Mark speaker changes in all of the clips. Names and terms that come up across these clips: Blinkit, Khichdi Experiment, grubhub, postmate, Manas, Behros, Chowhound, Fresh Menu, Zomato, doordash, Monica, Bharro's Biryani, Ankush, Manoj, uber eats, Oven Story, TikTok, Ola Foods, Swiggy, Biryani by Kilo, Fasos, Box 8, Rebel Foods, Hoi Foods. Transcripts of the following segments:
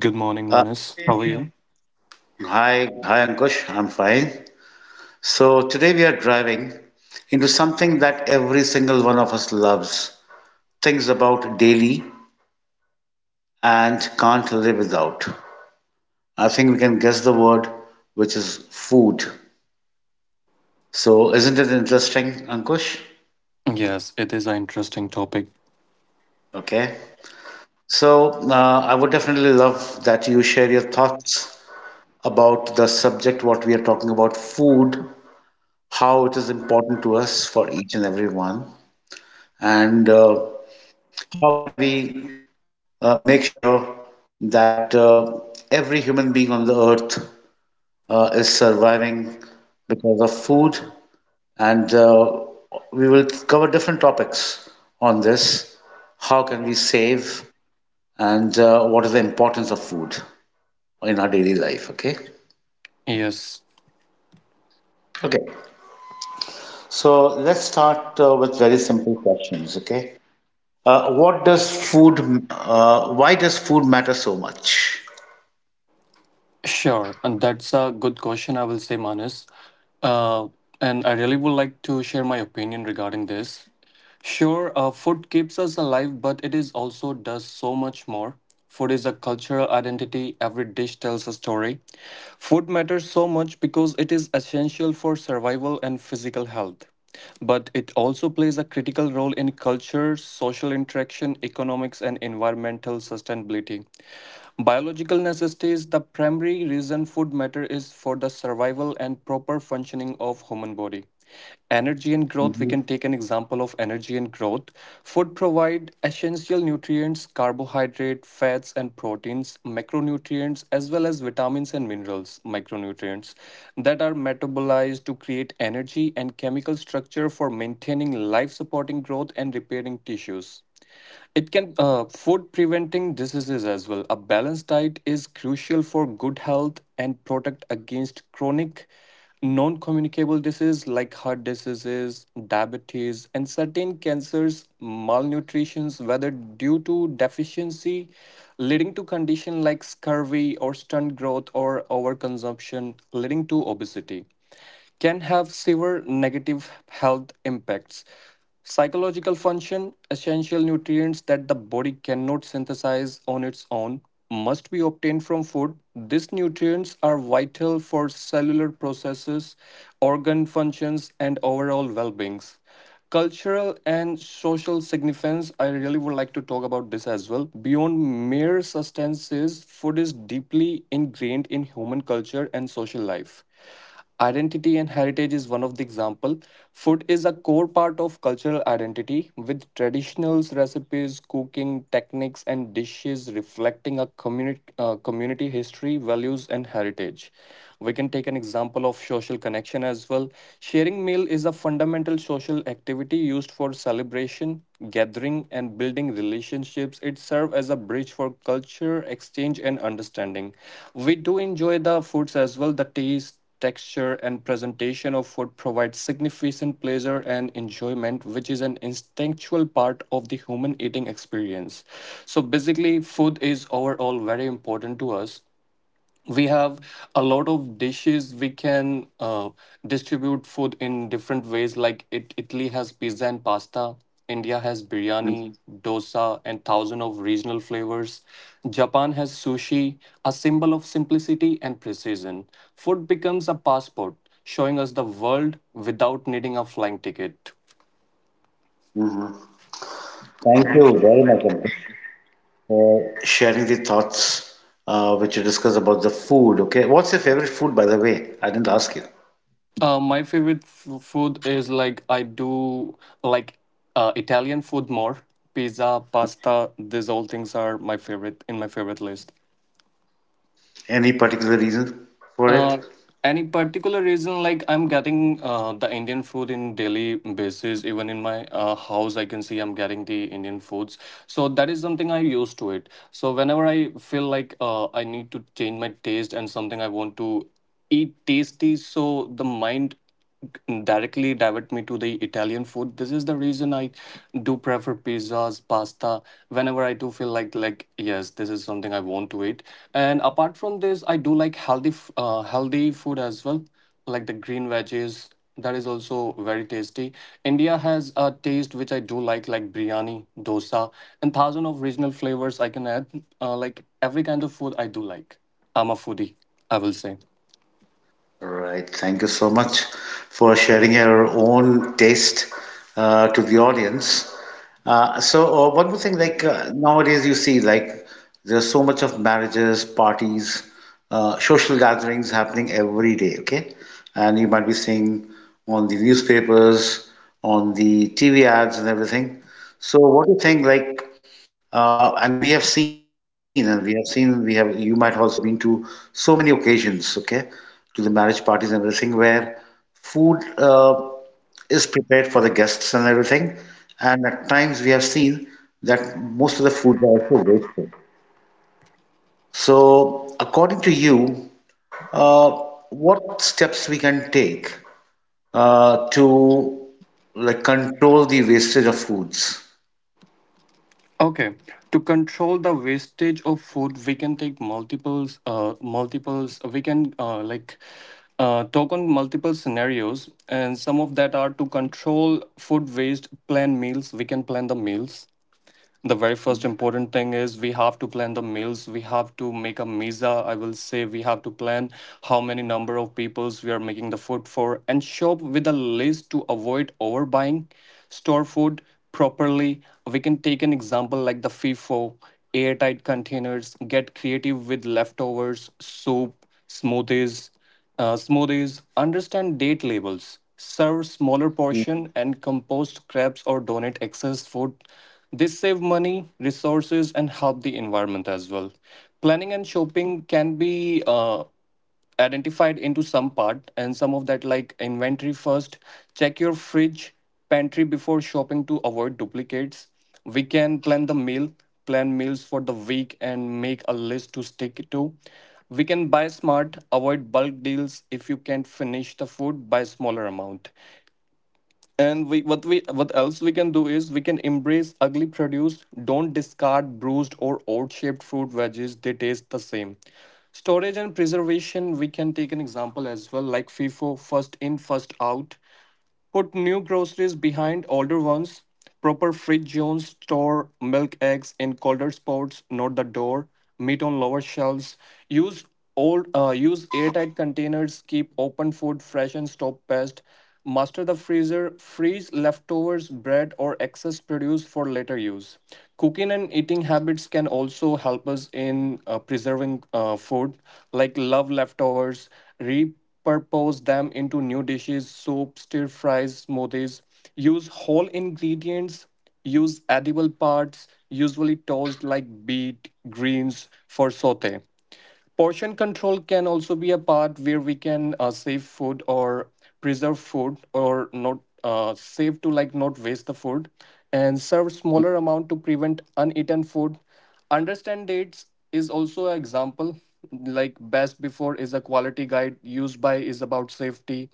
Speaker 1: Good morning,
Speaker 2: Uh,
Speaker 1: Manas. How are you?
Speaker 2: hi, Ankush. I'm fine. So today we are driving into something that every single one of us loves, thinks about daily, and can't live without. I think we can guess the word, which is food. So isn't it interesting, Ankush?
Speaker 1: Yes, it is an interesting topic.
Speaker 2: Okay. So I would definitely love that you share your thoughts about the subject, what we are talking about, food, how it is important to us for each and every one and how can we make sure that every human being on the earth is surviving because of food and we will cover different topics on this, how can we save and what is the importance of food in our daily life, okay?
Speaker 1: Yes,
Speaker 2: Okay, so let's start with very simple questions, okay? What does food, why does food matter so much?
Speaker 1: Sure, and that's a good question, I will say, Manas. Uh, and I really would like to share my opinion regarding this. Sure, food keeps us alive, but it is also does so much more. Food is a cultural identity. Every dish tells a story. Food matters so much because it is essential for survival and physical health. But it also plays a critical role in culture, social interaction, economics, and environmental sustainability. Biological necessity is the primary reason food matter is for the survival and proper functioning of human body. Energy and growth, we
Speaker 2: Mhm.
Speaker 1: can take an example of energy and growth. Food provide essential nutrients, carbohydrate, fats and proteins, macronutrients as well as vitamins and minerals, micronutrients that are metabolized to create energy and chemical structure for maintaining life supporting growth and repairing tissues. It can food preventing diseases as well. A balanced diet is crucial for good health and protect against chronic non-communicable diseases like heart diseases, diabetes, and certain cancers, malnutritions, whether due to deficiency, leading to condition like scurvy or stunt growth or overconsumption, leading to obesity can have severe negative health impacts. Psychological function, essential nutrients that the body cannot synthesize on its own, must be obtained from food. These nutrients are vital for cellular processes, organ functions, and overall well being. Cultural and social significance, I really would like to talk about this as well. Beyond mere substances, food is deeply ingrained in human culture and social life. Identity and heritage is one of the example. Food is a core part of cultural identity with traditional recipes, cooking techniques and dishes reflecting a community history, values and heritage. We can take an example of social connection as well. Sharing meal is a fundamental social activity used for celebration, gathering and building relationships. It serves as a bridge for culture exchange and understanding. We do enjoy the foods as well, the taste texture, and presentation of food provides significant pleasure and enjoyment, which is an instinctual part of the human eating experience. So basically, food is overall very important to us. We have a lot of dishes. We can distribute food in different ways, like it, Italy has pizza and pasta, India has biryani, dosa and thousand of regional flavors, Japan has sushi, a symbol of simplicity and precision. Food becomes a passport, showing us the world without needing a flying ticket.
Speaker 2: Thank you very much, Ankit, for sharing the thoughts which you discussed about the food. Okay, what's your favorite food, by the way? I didn't ask you.
Speaker 1: My favorite food is, like, I do like Italian food more. Pizza, pasta, these all things are my favorite in my favorite list.
Speaker 2: Any particular reason for it?
Speaker 1: Uh, any particular reason, like I'm getting the Indian food in daily basis. Even in my house, I can see I'm getting the Indian foods. So that is something I used to it. So whenever I feel like I need to change my taste and something I want to eat tasty, so the mind directly divert me to the Italian food. This is the reason I do prefer pizzas, pasta, whenever I do feel like yes, this is something I want to eat. And apart from this, I do like healthy healthy food as well, like the green veggies. That is also very tasty. India has a taste which I do like biryani, dosa, and thousand of regional flavors I can add. Like every kind of food I do like. I'm a foodie, I will say.
Speaker 2: Right. Thank you so much for sharing your own taste to the audience. So, one more thing, like nowadays you see, like there's so much of marriages, parties, social gatherings happening every day, okay? And you might be seeing on the newspapers, on the TV ads and everything. So, what do you think, like, and we have seen, and we have seen, we have, you might also been to so many occasions, okay, to the marriage parties and everything where food is prepared for the guests and everything. And at times we have seen that most of the foods are also wasted. So, according to you, uh, what steps we can take to like control the wastage of foods?
Speaker 1: Okay, to control the wastage of food, we can take multiples. We can like talk on multiple scenarios, and some of that are to control food waste. Plan meals. We can plan the meals. The very first important thing is we have to plan the meals. We have to make a mesa, I will say. We have to plan how many number of peoples we are making the food for, and shop with a list to avoid overbuying. Store food properly. We can take an example like the FIFO, airtight containers, get creative with leftovers, soup, smoothies, understand date labels, serve smaller portion and compost scraps or donate excess food. This save money, resources and help the environment as well. Planning and shopping can be identified into some part, and some of that like inventory first, check your fridge, pantry before shopping to avoid duplicates. We can plan the meal, plan meals for the week, and make a list to stick to. We can buy smart, avoid bulk deals. If you can't finish the food, buy smaller amount. And we what else we can do is we can embrace ugly produce. Don't discard bruised or odd-shaped fruit veggies. They taste the same. Storage and preservation, we can take an example as well, like FIFO, first in, first out. Put new groceries behind older ones. Proper fridge zones, store milk eggs in colder spots, not the door. Meat on lower shelves. Use Use airtight containers. Keep open food fresh and stop pests. Master the freezer. Freeze leftovers, bread, or excess produce for later use. Cooking and eating habits can also help us in preserving food. Like love leftovers, reap repurpose them into new dishes, soup, stir fries, smoothies. Use whole ingredients, use edible parts, usually tossed like beet, greens for saute. Portion control can also be a part where we can save food or preserve food or not save to like not waste the food, and serve smaller amount to prevent uneaten food. Understand dates is also an example. Like best before is a quality guide, used by is about safety.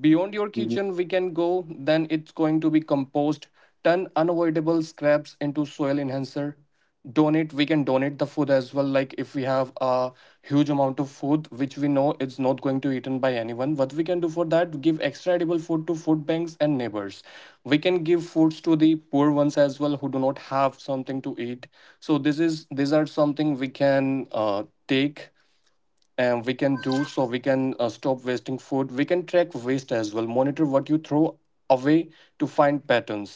Speaker 1: Beyond your
Speaker 2: Mhm.
Speaker 1: kitchen, we can go, then it's going to be compost. Turn unavoidable scraps into soil enhancer. Donate, we can donate the food as well. Like if we have a huge amount of food which we know it's not going to eaten by anyone, what we can do for that, give extra edible food to food banks and neighbors. We can give foods to the poor ones as well who do not have something to eat. So this is these are something we can take and we can do. So we can stop wasting food. We can track waste as well, monitor what you throw away to find patterns.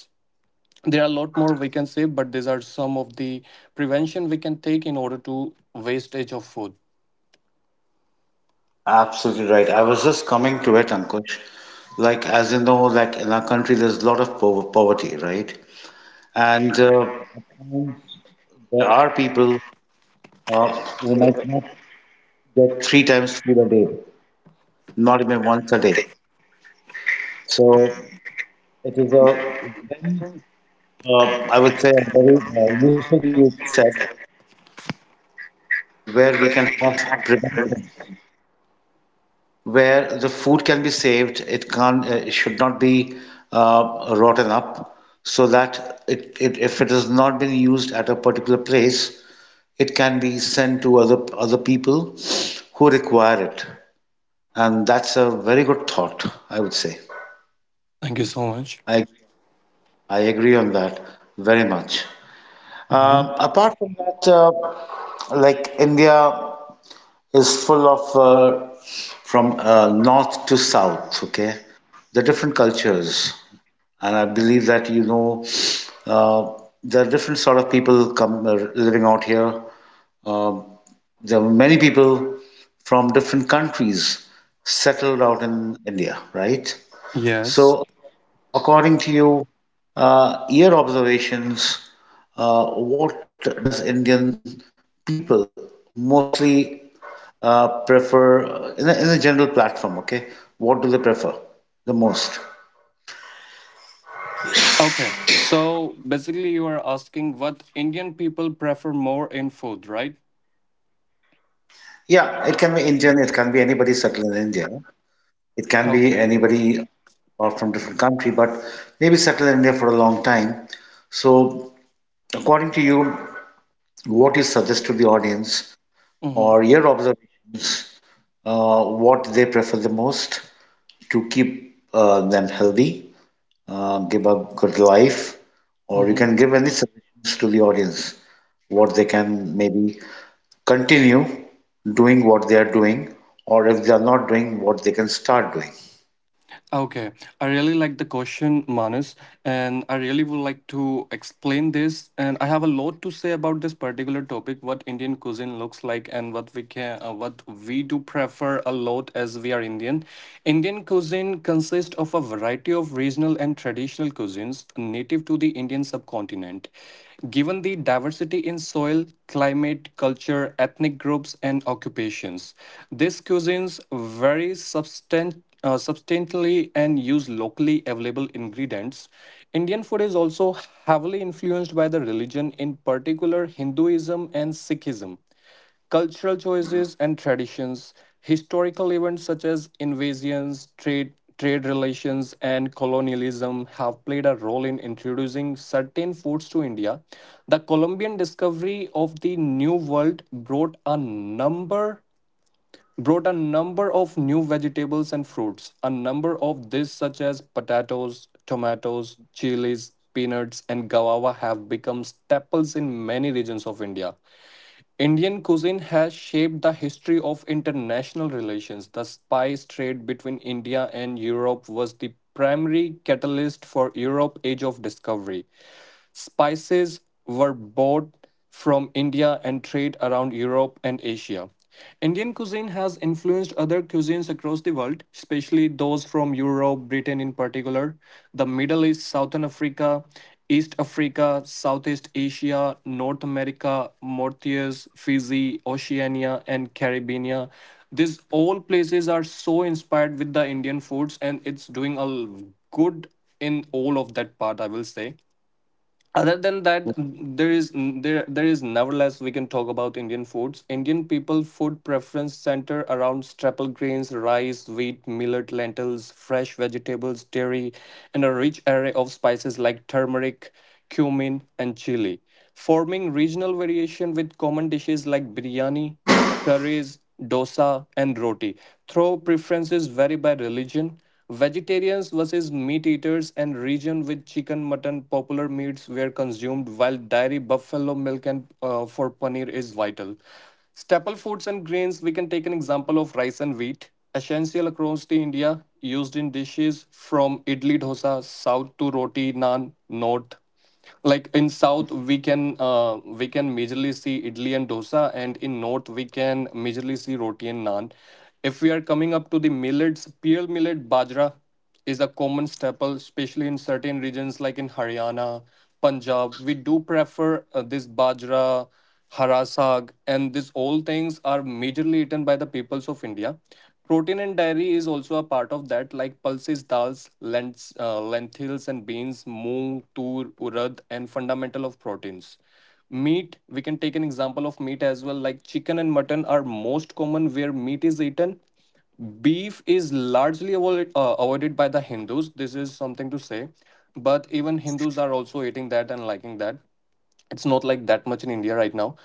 Speaker 1: There are a lot more we can say, but these are some of the prevention we can take in order to wastage of food.
Speaker 2: Absolutely right. I was just coming to it, Ankush. Like, as you know, like in our country, there's a lot of po poverty, right? And there are people uh, who might not get three times food a day, not even once a day. So it is a very, I would say, a very useful thing you said, where we can have prevention, where the food can be saved. It should not be rotten up, so that if it has not been used at a particular place, it can be sent to other people who require it. And that's a very good thought, I would say.
Speaker 1: Thank you so much.
Speaker 2: I. I agree on that very much.
Speaker 1: Mhm.
Speaker 2: Apart from that, like India is full of from north to south, okay, the different cultures, and I believe that you know uh, there are different sort of people come living out here. Um, there are many people from different countries settled out in India, right?
Speaker 1: Yes.
Speaker 2: So, according to you, your observations, what does Indian people mostly prefer in a general platform? Okay, what do they prefer the most?
Speaker 1: Okay, so basically you are asking what Indian people prefer more in food, right?
Speaker 2: Yeah, it can be Indian, it can be anybody settled in India, it can be
Speaker 1: Okay.
Speaker 2: anybody or from different country, but maybe settled in India for a long time. So, according to you, what you suggest to the audience
Speaker 1: Mm-hmm.
Speaker 2: or your observations what they prefer the most to keep them healthy, give a good life, or you
Speaker 1: Mm-hmm.
Speaker 2: can give any suggestions to the audience what they can maybe continue doing what they are doing, or if they are not doing what they can start doing.
Speaker 1: Okay, I really like the question, Manas, and I really would like to explain this. And I have a lot to say about this particular topic: what Indian cuisine looks like and what we can, what we do prefer a lot as we are Indian. Indian cuisine consists of a variety of regional and traditional cuisines native to the Indian subcontinent. Given the diversity in soil, climate, culture, ethnic groups, and occupations, these cuisines vary substantially and use locally available ingredients. Indian food is also heavily influenced by the religion, in particular Hinduism and Sikhism. Cultural choices and traditions, historical events such as invasions, trade relations, and colonialism have played a role in introducing certain foods to India. The Colombian discovery of the New World brought a number of new vegetables and fruits. A number of these, such as potatoes, tomatoes, chilies, peanuts, and guava, have become staples in many regions of India. Indian cuisine has shaped the history of international relations. The spice trade between India and Europe was the primary catalyst for Europe's age of discovery. Spices were bought from India and trade around Europe and Asia. Indian cuisine has influenced other cuisines across the world, especially those from Europe, Britain in particular, the Middle East, Southern Africa, East Africa, Southeast Asia, North America, Mauritius, Fiji, Oceania, and Caribbean. These all places are so inspired with the Indian foods, and it's doing a good in all of that part, I will say. Other than that, there is nevertheless we can talk about Indian foods. Indian people food preference center around staple grains, rice, wheat, millet, lentils, fresh vegetables, dairy, and a rich array of spices like turmeric, cumin and chili, forming regional variation with common dishes like biryani, curries, dosa, and roti. Though preferences vary by religion, vegetarians versus meat eaters, and region, with chicken, mutton, popular meats were consumed, while dairy, buffalo milk, and for paneer is vital. Staple foods and grains, we can take an example of rice and wheat, essential across the India, used in dishes from idli dosa south to roti naan north. Like in south we can majorly see idli and dosa, and in north we can majorly see roti and naan. If we are coming up to the millets, pearl millet bajra is a common staple, especially in certain regions like in haryana, punjab. We do prefer this bajra, hara sag, and these all things are majorly eaten by the peoples of India. Protein and dairy is also a part of that, like pulses, dals, lentils, and beans, moong, tur, urad, and fundamental of proteins. Meat, we can take an example of meat as well, like chicken and mutton are most common where meat is eaten. Beef is largely avoided by the Hindus. This is something to say, but even Hindus are also eating that and liking that. It's not like that much in India right now.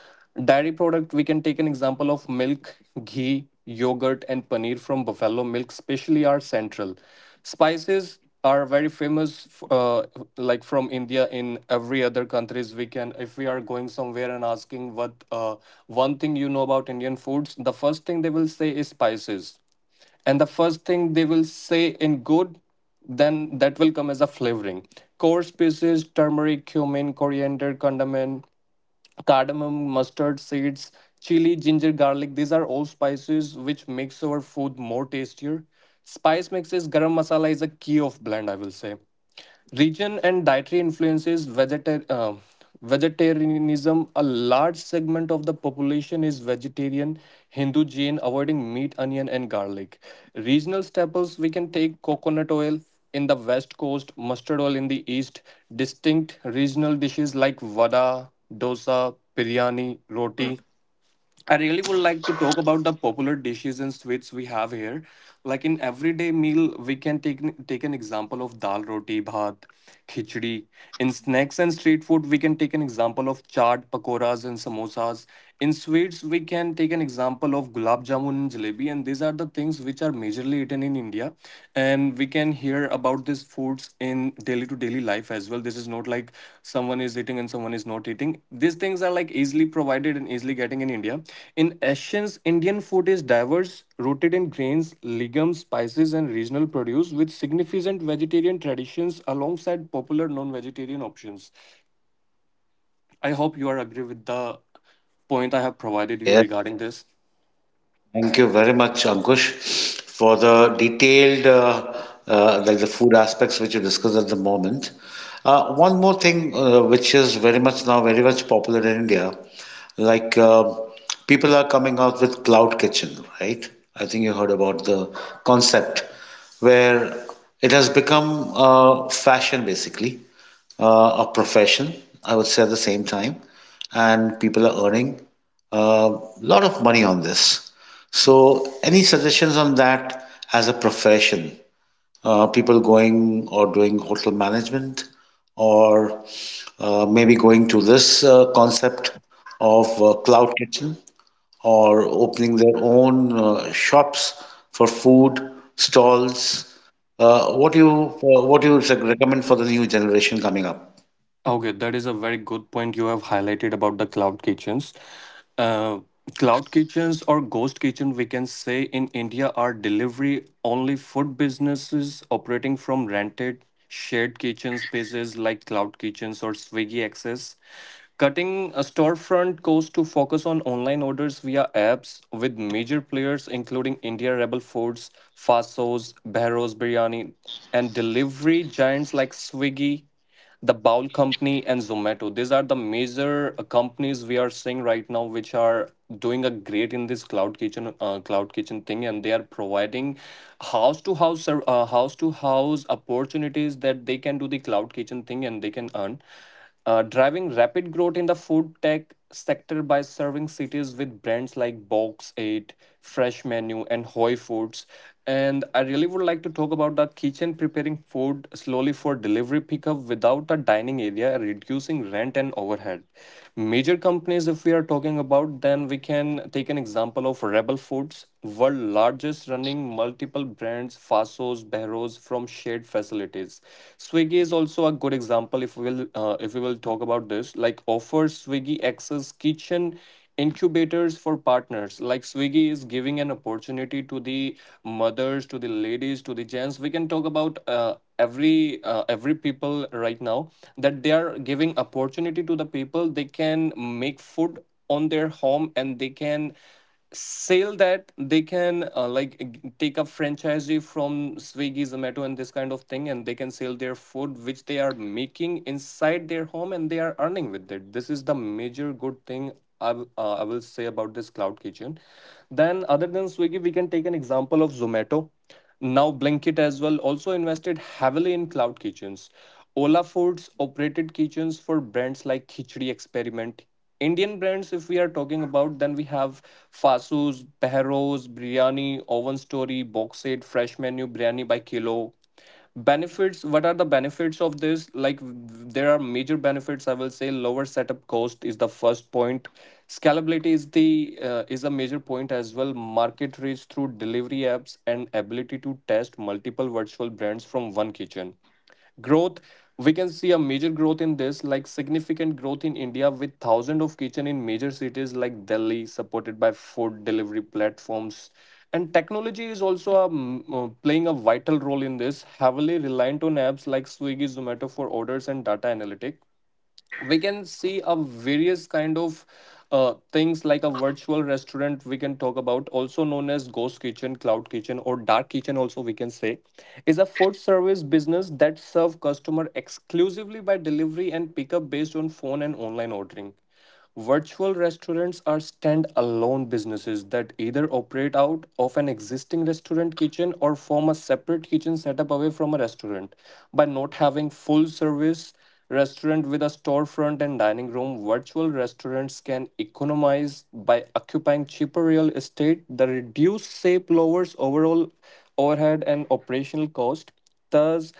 Speaker 1: Dairy product, we can take an example of milk, ghee, yogurt, and paneer from buffalo milk, especially, are central. Spices are very famous. Like from India, in every other countries, we can, if we are going somewhere and asking, what one thing you know about Indian foods, the first thing they will say is spices. And the first thing they will say in good, then that will come as a flavoring. Core spices: turmeric, cumin, coriander, cardamom, mustard seeds, chili, ginger, garlic. These are all spices which makes our food more tastier. Spice mixes, garam masala is a key of blend, I will say. Region and dietary influences, vegetarianism. A large segment of the population is vegetarian, Hindu, Jain, avoiding meat, onion, and garlic. Regional staples, we can take coconut oil in the west coast, mustard oil in the east. Distinct regional dishes like vada, dosa, biryani, roti. I really would like to talk about the popular dishes and sweets we have here. Like in everyday meal, we can take an example of dal roti, bhat, khichdi. In snacks and street food, we can take an example of chaat, pakoras, and samosas. In sweets, we can take an example of gulab jamun and jalebi, and these are the things which are majorly eaten in India. And we can hear about these foods in daily to daily life as well. This is not like someone is eating and someone is not eating. These things are like easily provided and easily getting in India. In essence, Indian food is diverse, rooted in grains, legumes, spices, and regional produce, with significant vegetarian traditions alongside popular non-vegetarian options. I hope you are agree with the point I have provided you
Speaker 2: Yes.
Speaker 1: regarding this.
Speaker 2: Thank you very much, Ankush, for the detailed, like the food aspects which you discussed at the moment. One more thing, which is very much now very much popular in India, like people are coming out with cloud kitchen, right? I think you heard about the concept where it has become fashion basically, a profession, I would say at the same time, and people are earning a lot of money on this. So, any suggestions on that as a profession? People going or doing hotel management, or maybe going to this concept of cloud kitchen, or opening their own shops for food stalls. What do you recommend for the new generation coming up?
Speaker 1: Okay, that is a very good point you have highlighted about the cloud kitchens. Uh, Cloud kitchens or ghost kitchen, we can say, in India, are delivery only food businesses operating from rented shared kitchen spaces like cloud kitchens or Swiggy Access. Cutting a storefront cost to focus on online orders via apps with major players including India Rebel Foods, Fasos, Bharro's Biryani, and delivery giants like Swiggy, the Bowl Company, and Zomato. These are the major companies we are seeing right now, which are doing a great in this cloud kitchen thing, and they are providing house to house opportunities that they can do the cloud kitchen thing and they can earn, driving rapid growth in the food tech sector by serving cities with brands like Box 8, Fresh Menu, and Hoi Foods. And I really would like to talk about the kitchen preparing food slowly for delivery pickup without a dining area, reducing rent and overhead. Major companies, if we are talking about, then we can take an example of Rebel Foods, world largest running multiple brands, Fasos, Behros from shared facilities. Swiggy is also a good example if we will talk about this, like offers swiggy access kitchen incubators for partners. Like Swiggy is giving an opportunity to the mothers, to the ladies, to the gents, we can talk about every people right now, that they are giving opportunity to the people. They can make food on their home and they can sell that. They can like take a franchisee from Swiggy, Zomato, and this kind of thing, and they can sell their food which they are making inside their home, and they are earning with it. This is the major good thing I will say about this cloud kitchen. Then other than Swiggy, we can take an example of Zomato now. Blinkit as well also invested heavily in cloud kitchens. Ola Foods operated kitchens for brands like Khichdi Experiment. Indian brands, if we are talking about, then we have Fasu's, Behro's, Biryani, Oven Story, Box Set, Fresh Menu, Biryani by Kilo. Benefits, what are the benefits of this? Like, there are major benefits, I will say. Lower setup cost is the first point. Scalability is the is a major point as well. Market reach through delivery apps and ability to test multiple virtual brands from one kitchen. Growth, we can see a major growth in this, like significant growth in India, with thousands of kitchen in major cities like Delhi, supported by food delivery platforms. And technology is also playing a vital role in this, heavily reliant on apps like Swiggy, Zomato for orders and data analytics. We can see a various kind of things. Like a virtual restaurant, we can talk about, also known as ghost kitchen, cloud kitchen, or dark kitchen also, we can say, is a food service business that serve customer exclusively by delivery and pickup based on phone and online ordering. Virtual restaurants are stand-alone businesses that either operate out of an existing restaurant kitchen or form a separate kitchen setup away from a restaurant. By not having full-service restaurant with a storefront and dining room, virtual restaurants can economize by occupying cheaper real estate. The reduced shape lowers overall overhead and operational cost, thus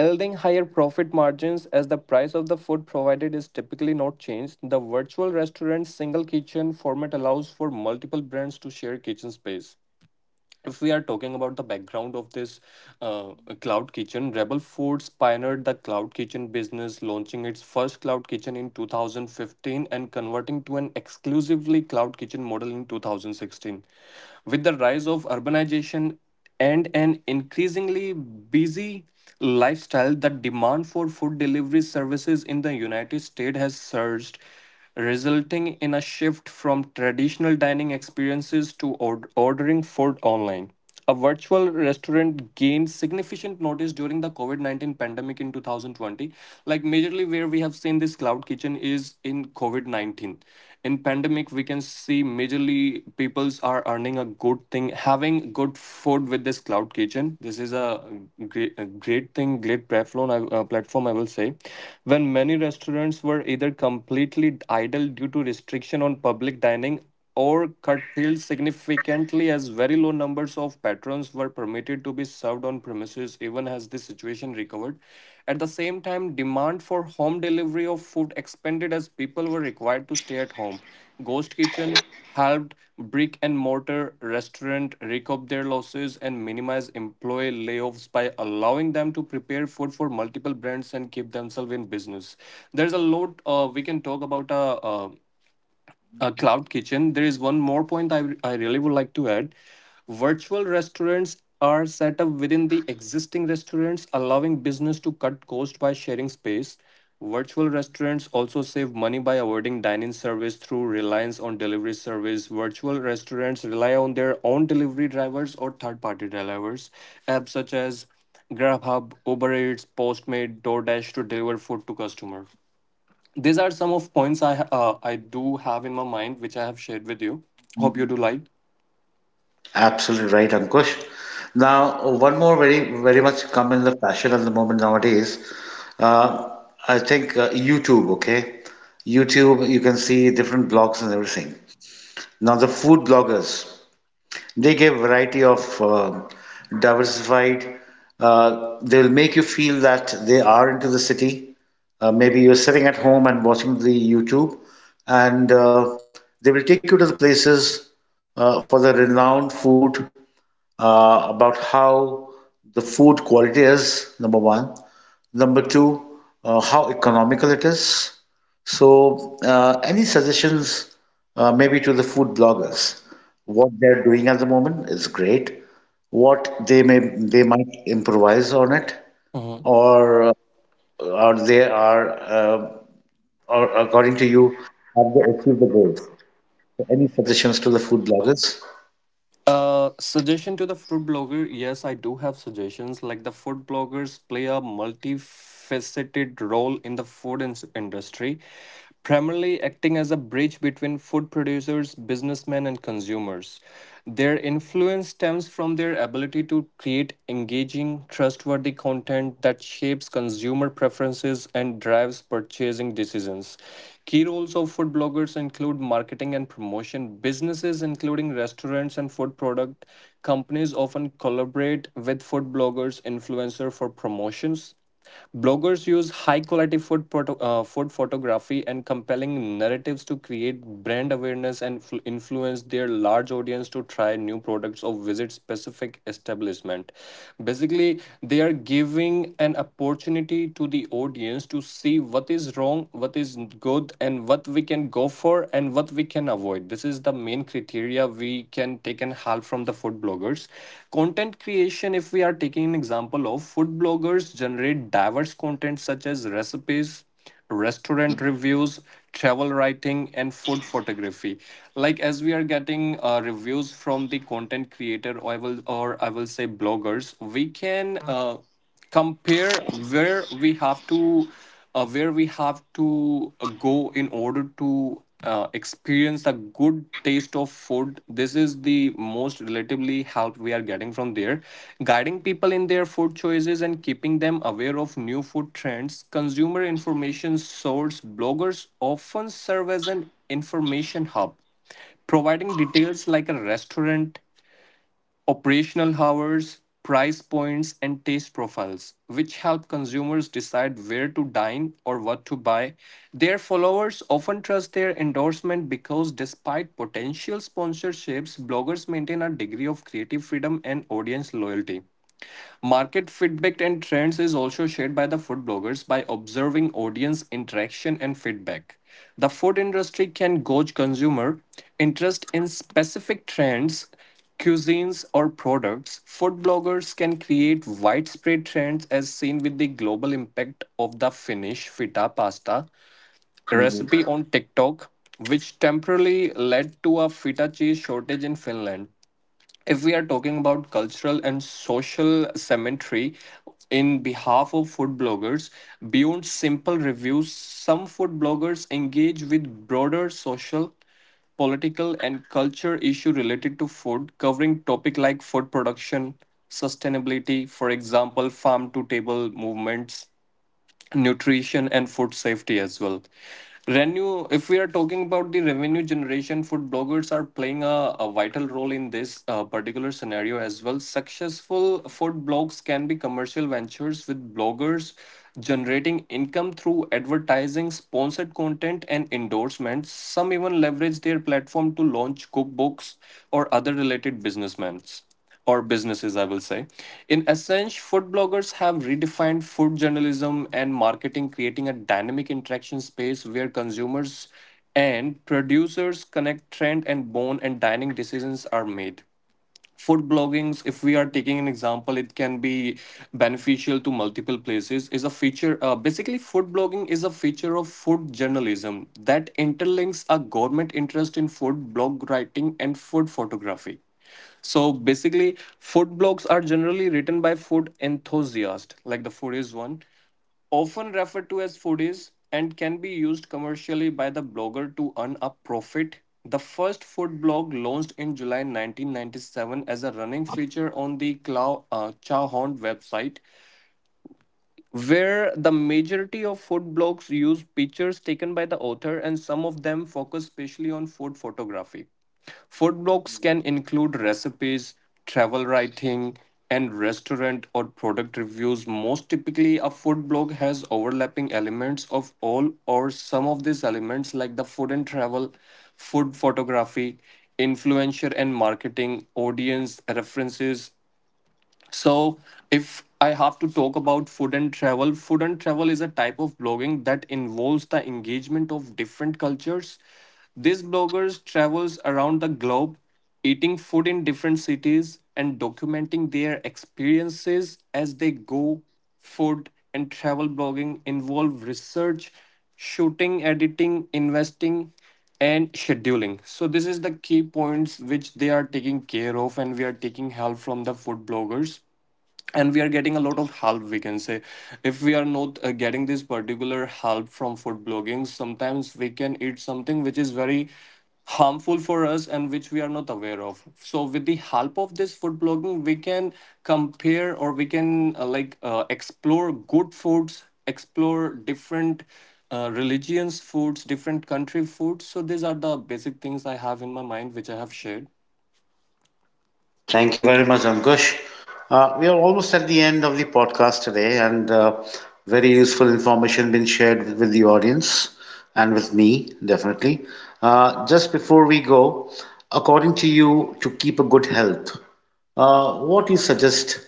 Speaker 1: yielding higher profit margins as the price of the food provided is typically not changed. The virtual restaurant single kitchen format allows for multiple brands to share kitchen space. If we are talking about the background of this uh, cloud kitchen, Rebel Foods pioneered the cloud kitchen business, launching its first cloud kitchen in 2015 and converting to an exclusively cloud kitchen model in 2016. With the rise of urbanization and an increasingly busy lifestyle, the demand for food delivery services in the United States has surged, resulting in a shift from traditional dining experiences to ordering food online. A virtual restaurant gained significant notice during the COVID 19 pandemic in 2020. Like, majorly where we have seen this cloud kitchen is in COVID 19. In pandemic, we can see majorly peoples are earning a good thing, having good food with this cloud kitchen. This is a great thing, great platform I will say, when many restaurants were either completely idle due to restriction on public dining or curtailed significantly as very low numbers of patrons were permitted to be served on premises. Even as the situation recovered, at the same time demand for home delivery of food expanded as people were required to stay at home. Ghost kitchen helped brick-and-mortar restaurants recoup their losses and minimize employee layoffs by allowing them to prepare food for multiple brands and keep themselves in business. There's a lot we can talk about cloud kitchen. There is one more point I really would like to add. Virtual restaurants are set up within the existing restaurants, allowing business to cut cost by sharing space. Virtual restaurants also save money by avoiding dining service through reliance on delivery service. Virtual restaurants rely on their own delivery drivers or third party drivers, apps such as Grubhub, Uber Eats, Postmate, Doordash, to deliver food to customer. These are some of points I do have in my mind, which I have shared with you. Hope you do like.
Speaker 2: Absolutely right, Ankush. Now, one more very, very much come in the fashion at the moment nowadays. Uh, I think YouTube, okay? YouTube, you can see different blogs and everything. Now, the food bloggers, they give variety of diversified. They'll make you feel that they are into the city. Maybe you're sitting at home and watching the YouTube, and they will take you to the places for the renowned food about how the food quality is, number one. Number two, how economical it is. So, any suggestions maybe to the food bloggers? What they're doing at the moment is great. What they might improvise on it,
Speaker 1: Mhm.
Speaker 2: or uh, or they are or according to you, have they achieved the goals? So, any suggestions to the food bloggers?
Speaker 1: Suggestion to the food blogger. Yes, I do have suggestions. Like, the food bloggers play a multifaceted role in the industry, primarily acting as a bridge between food producers, businessmen, and consumers. Their influence stems from their ability to create engaging, trustworthy content that shapes consumer preferences and drives purchasing decisions. Key roles of food bloggers include marketing and promotion. Businesses, including restaurants and food product companies, often collaborate with food bloggers influencer for promotions. Bloggers use high quality food photography and compelling narratives to create brand awareness and influence their large audience to try new products or visit specific establishment. Basically, they are giving an opportunity to the audience to see what is wrong, what is good, and what we can go for and what we can avoid. This is the main criteria we can take and help from the food bloggers. Content creation, if we are taking an example of food bloggers, generate diverse content such as recipes, restaurant reviews, travel writing, and food photography. Like as we are getting reviews from the content creator, or I will say bloggers, we can uh, compare where we have to go in order to experience a good taste of food. This is the most relatively help we are getting from there, guiding people in their food choices and keeping them aware of new food trends. Consumer information source: bloggers often serve as an information hub, providing details like a restaurant operational hours, price points, and taste profiles, which help consumers decide where to dine or what to buy. Their followers often trust their endorsement because, despite potential sponsorships, bloggers maintain a degree of creative freedom and audience loyalty. Market feedback and trends is also shared by the food bloggers by observing audience interaction and feedback. The food industry can gauge consumer interest in specific trends, cuisines, or products. Food bloggers can create widespread trends, as seen with the global impact of the Finnish feta pasta recipe on TikTok, which temporarily led to a feta cheese shortage in Finland. If we are talking about cultural and social cemetery in behalf of food bloggers, beyond simple reviews, some food bloggers engage with broader social, political, and culture issue related to food, covering topic like food production, sustainability, for example farm to table movements, nutrition, and food safety as well. Revenue: if we are talking about the revenue generation, food bloggers are playing a vital role in this particular scenario as well. Successful food blogs can be commercial ventures, with bloggers generating income through advertising, sponsored content, and endorsements. Some even leverage their platform to launch cookbooks or other related businessmen, or businesses, I will say. In essence, food bloggers have redefined food journalism and marketing, creating a dynamic interaction space where consumers and producers connect, trend, and bone, and dining decisions are made. Food bloggings, if we are taking an example, it can be beneficial to multiple places. Is a feature, basically food blogging is a feature of food journalism that interlinks a government interest in food blog writing and food photography. So basically food blogs are generally written by food enthusiasts, like the foodies one, often referred to as foodies, and can be used commercially by the blogger to earn a profit. The first food blog launched in July 1997 as a running feature on the Chowhound website, where the majority of food blogs use pictures taken by the author, and some of them focus specially on food photography. Food blogs can include recipes, travel writing, and restaurant or product reviews. Most typically, a food blog has overlapping elements of all or some of these elements, like the food and travel, food photography, influencer and marketing, audience, references. So, if I have to talk about food and travel is a type of blogging that involves the engagement of different cultures. These bloggers travels around the globe, eating food in different cities and documenting their experiences as they go. Food and travel blogging involve research, shooting, editing, investing, and scheduling. So this is the key points which they are taking care of, and we are taking help from the food bloggers, and we are getting a lot of help, we can say. If we are not getting this particular help from food blogging, sometimes we can eat something which is very harmful for us and which we are not aware of. So with the help of this food blogging we can compare, or we can, like, explore good foods, explore different religions, foods, different country foods. So these are the basic things I have in my mind, which I have shared.
Speaker 2: Thank you very much, Ankush. We are almost at the end of the podcast today, and very useful information been shared with the audience and with me, definitely. Just before we go, according to you, to keep a good health, what do you suggest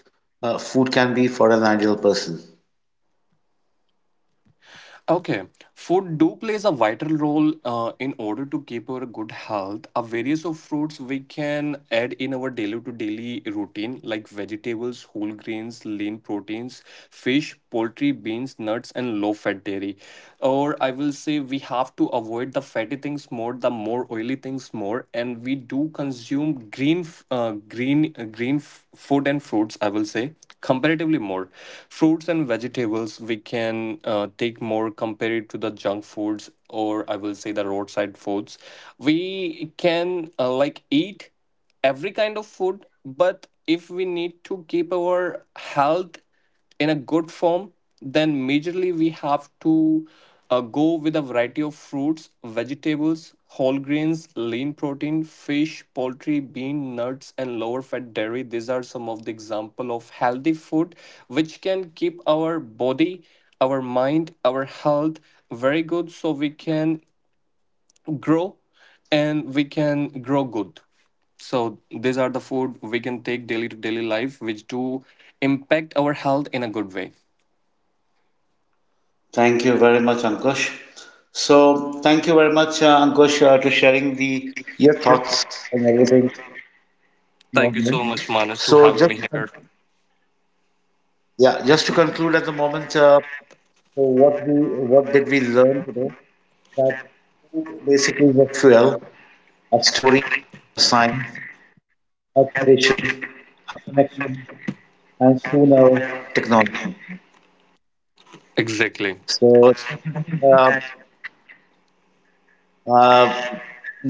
Speaker 2: food can be for an ideal person?
Speaker 1: Okay, food do plays a vital role in order to keep our good health. A various of fruits we can add in our daily to daily routine, like vegetables, whole grains, lean proteins, fish, poultry, beans, nuts, and low fat dairy. Or I will say we have to avoid the fatty things more, the more oily things more, and we do consume green green food and fruits, I will say, comparatively more. Fruits and vegetables we can take more compared to the junk foods, or I will say the roadside foods. We can like eat every kind of food, but if we need to keep our health in a good form, then majorly we have to go with a variety of fruits, vegetables, whole grains, lean protein, fish, poultry, bean, nuts, and lower fat dairy. These are some of the example of healthy food which can keep our body, our mind, our health very good, so we can grow, and we can grow good. So these are the food we can take daily to daily life which do impact our health in a good way.
Speaker 2: Thank you very much, Ankush. So, thank you very much, Ankush, to sharing the your thoughts and everything with the
Speaker 1: Thank you
Speaker 2: audience.
Speaker 1: so much, Manas, to
Speaker 2: So,
Speaker 1: having
Speaker 2: just
Speaker 1: me here.
Speaker 2: yeah, just to conclude at the moment, so what we what did we learn today? That food basically is a fuel, a story, a sign, a tradition, a connection, and soon a technology.
Speaker 1: Exactly.
Speaker 2: So uh, uh,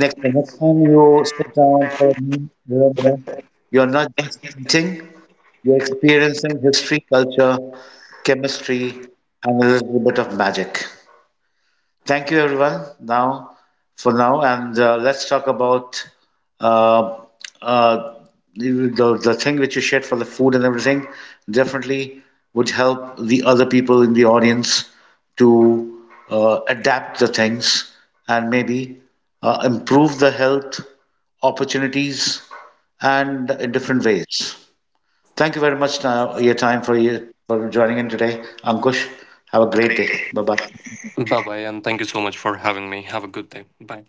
Speaker 2: next time you sit down for a meal, remember you're not just eating; you're experiencing history, culture, chemistry, and a little bit of magic. Thank you, everyone. Now, for now, and let's talk about uh, uh, the thing which you shared for the food and everything. Definitely would help the other people in the audience to adapt the things and maybe improve the health opportunities and in different ways. Thank you very much now your time for you for joining in today, Ankush. Have a great day. Bye bye.
Speaker 1: Bye bye, and thank you so much for having me. Have a good day. Bye.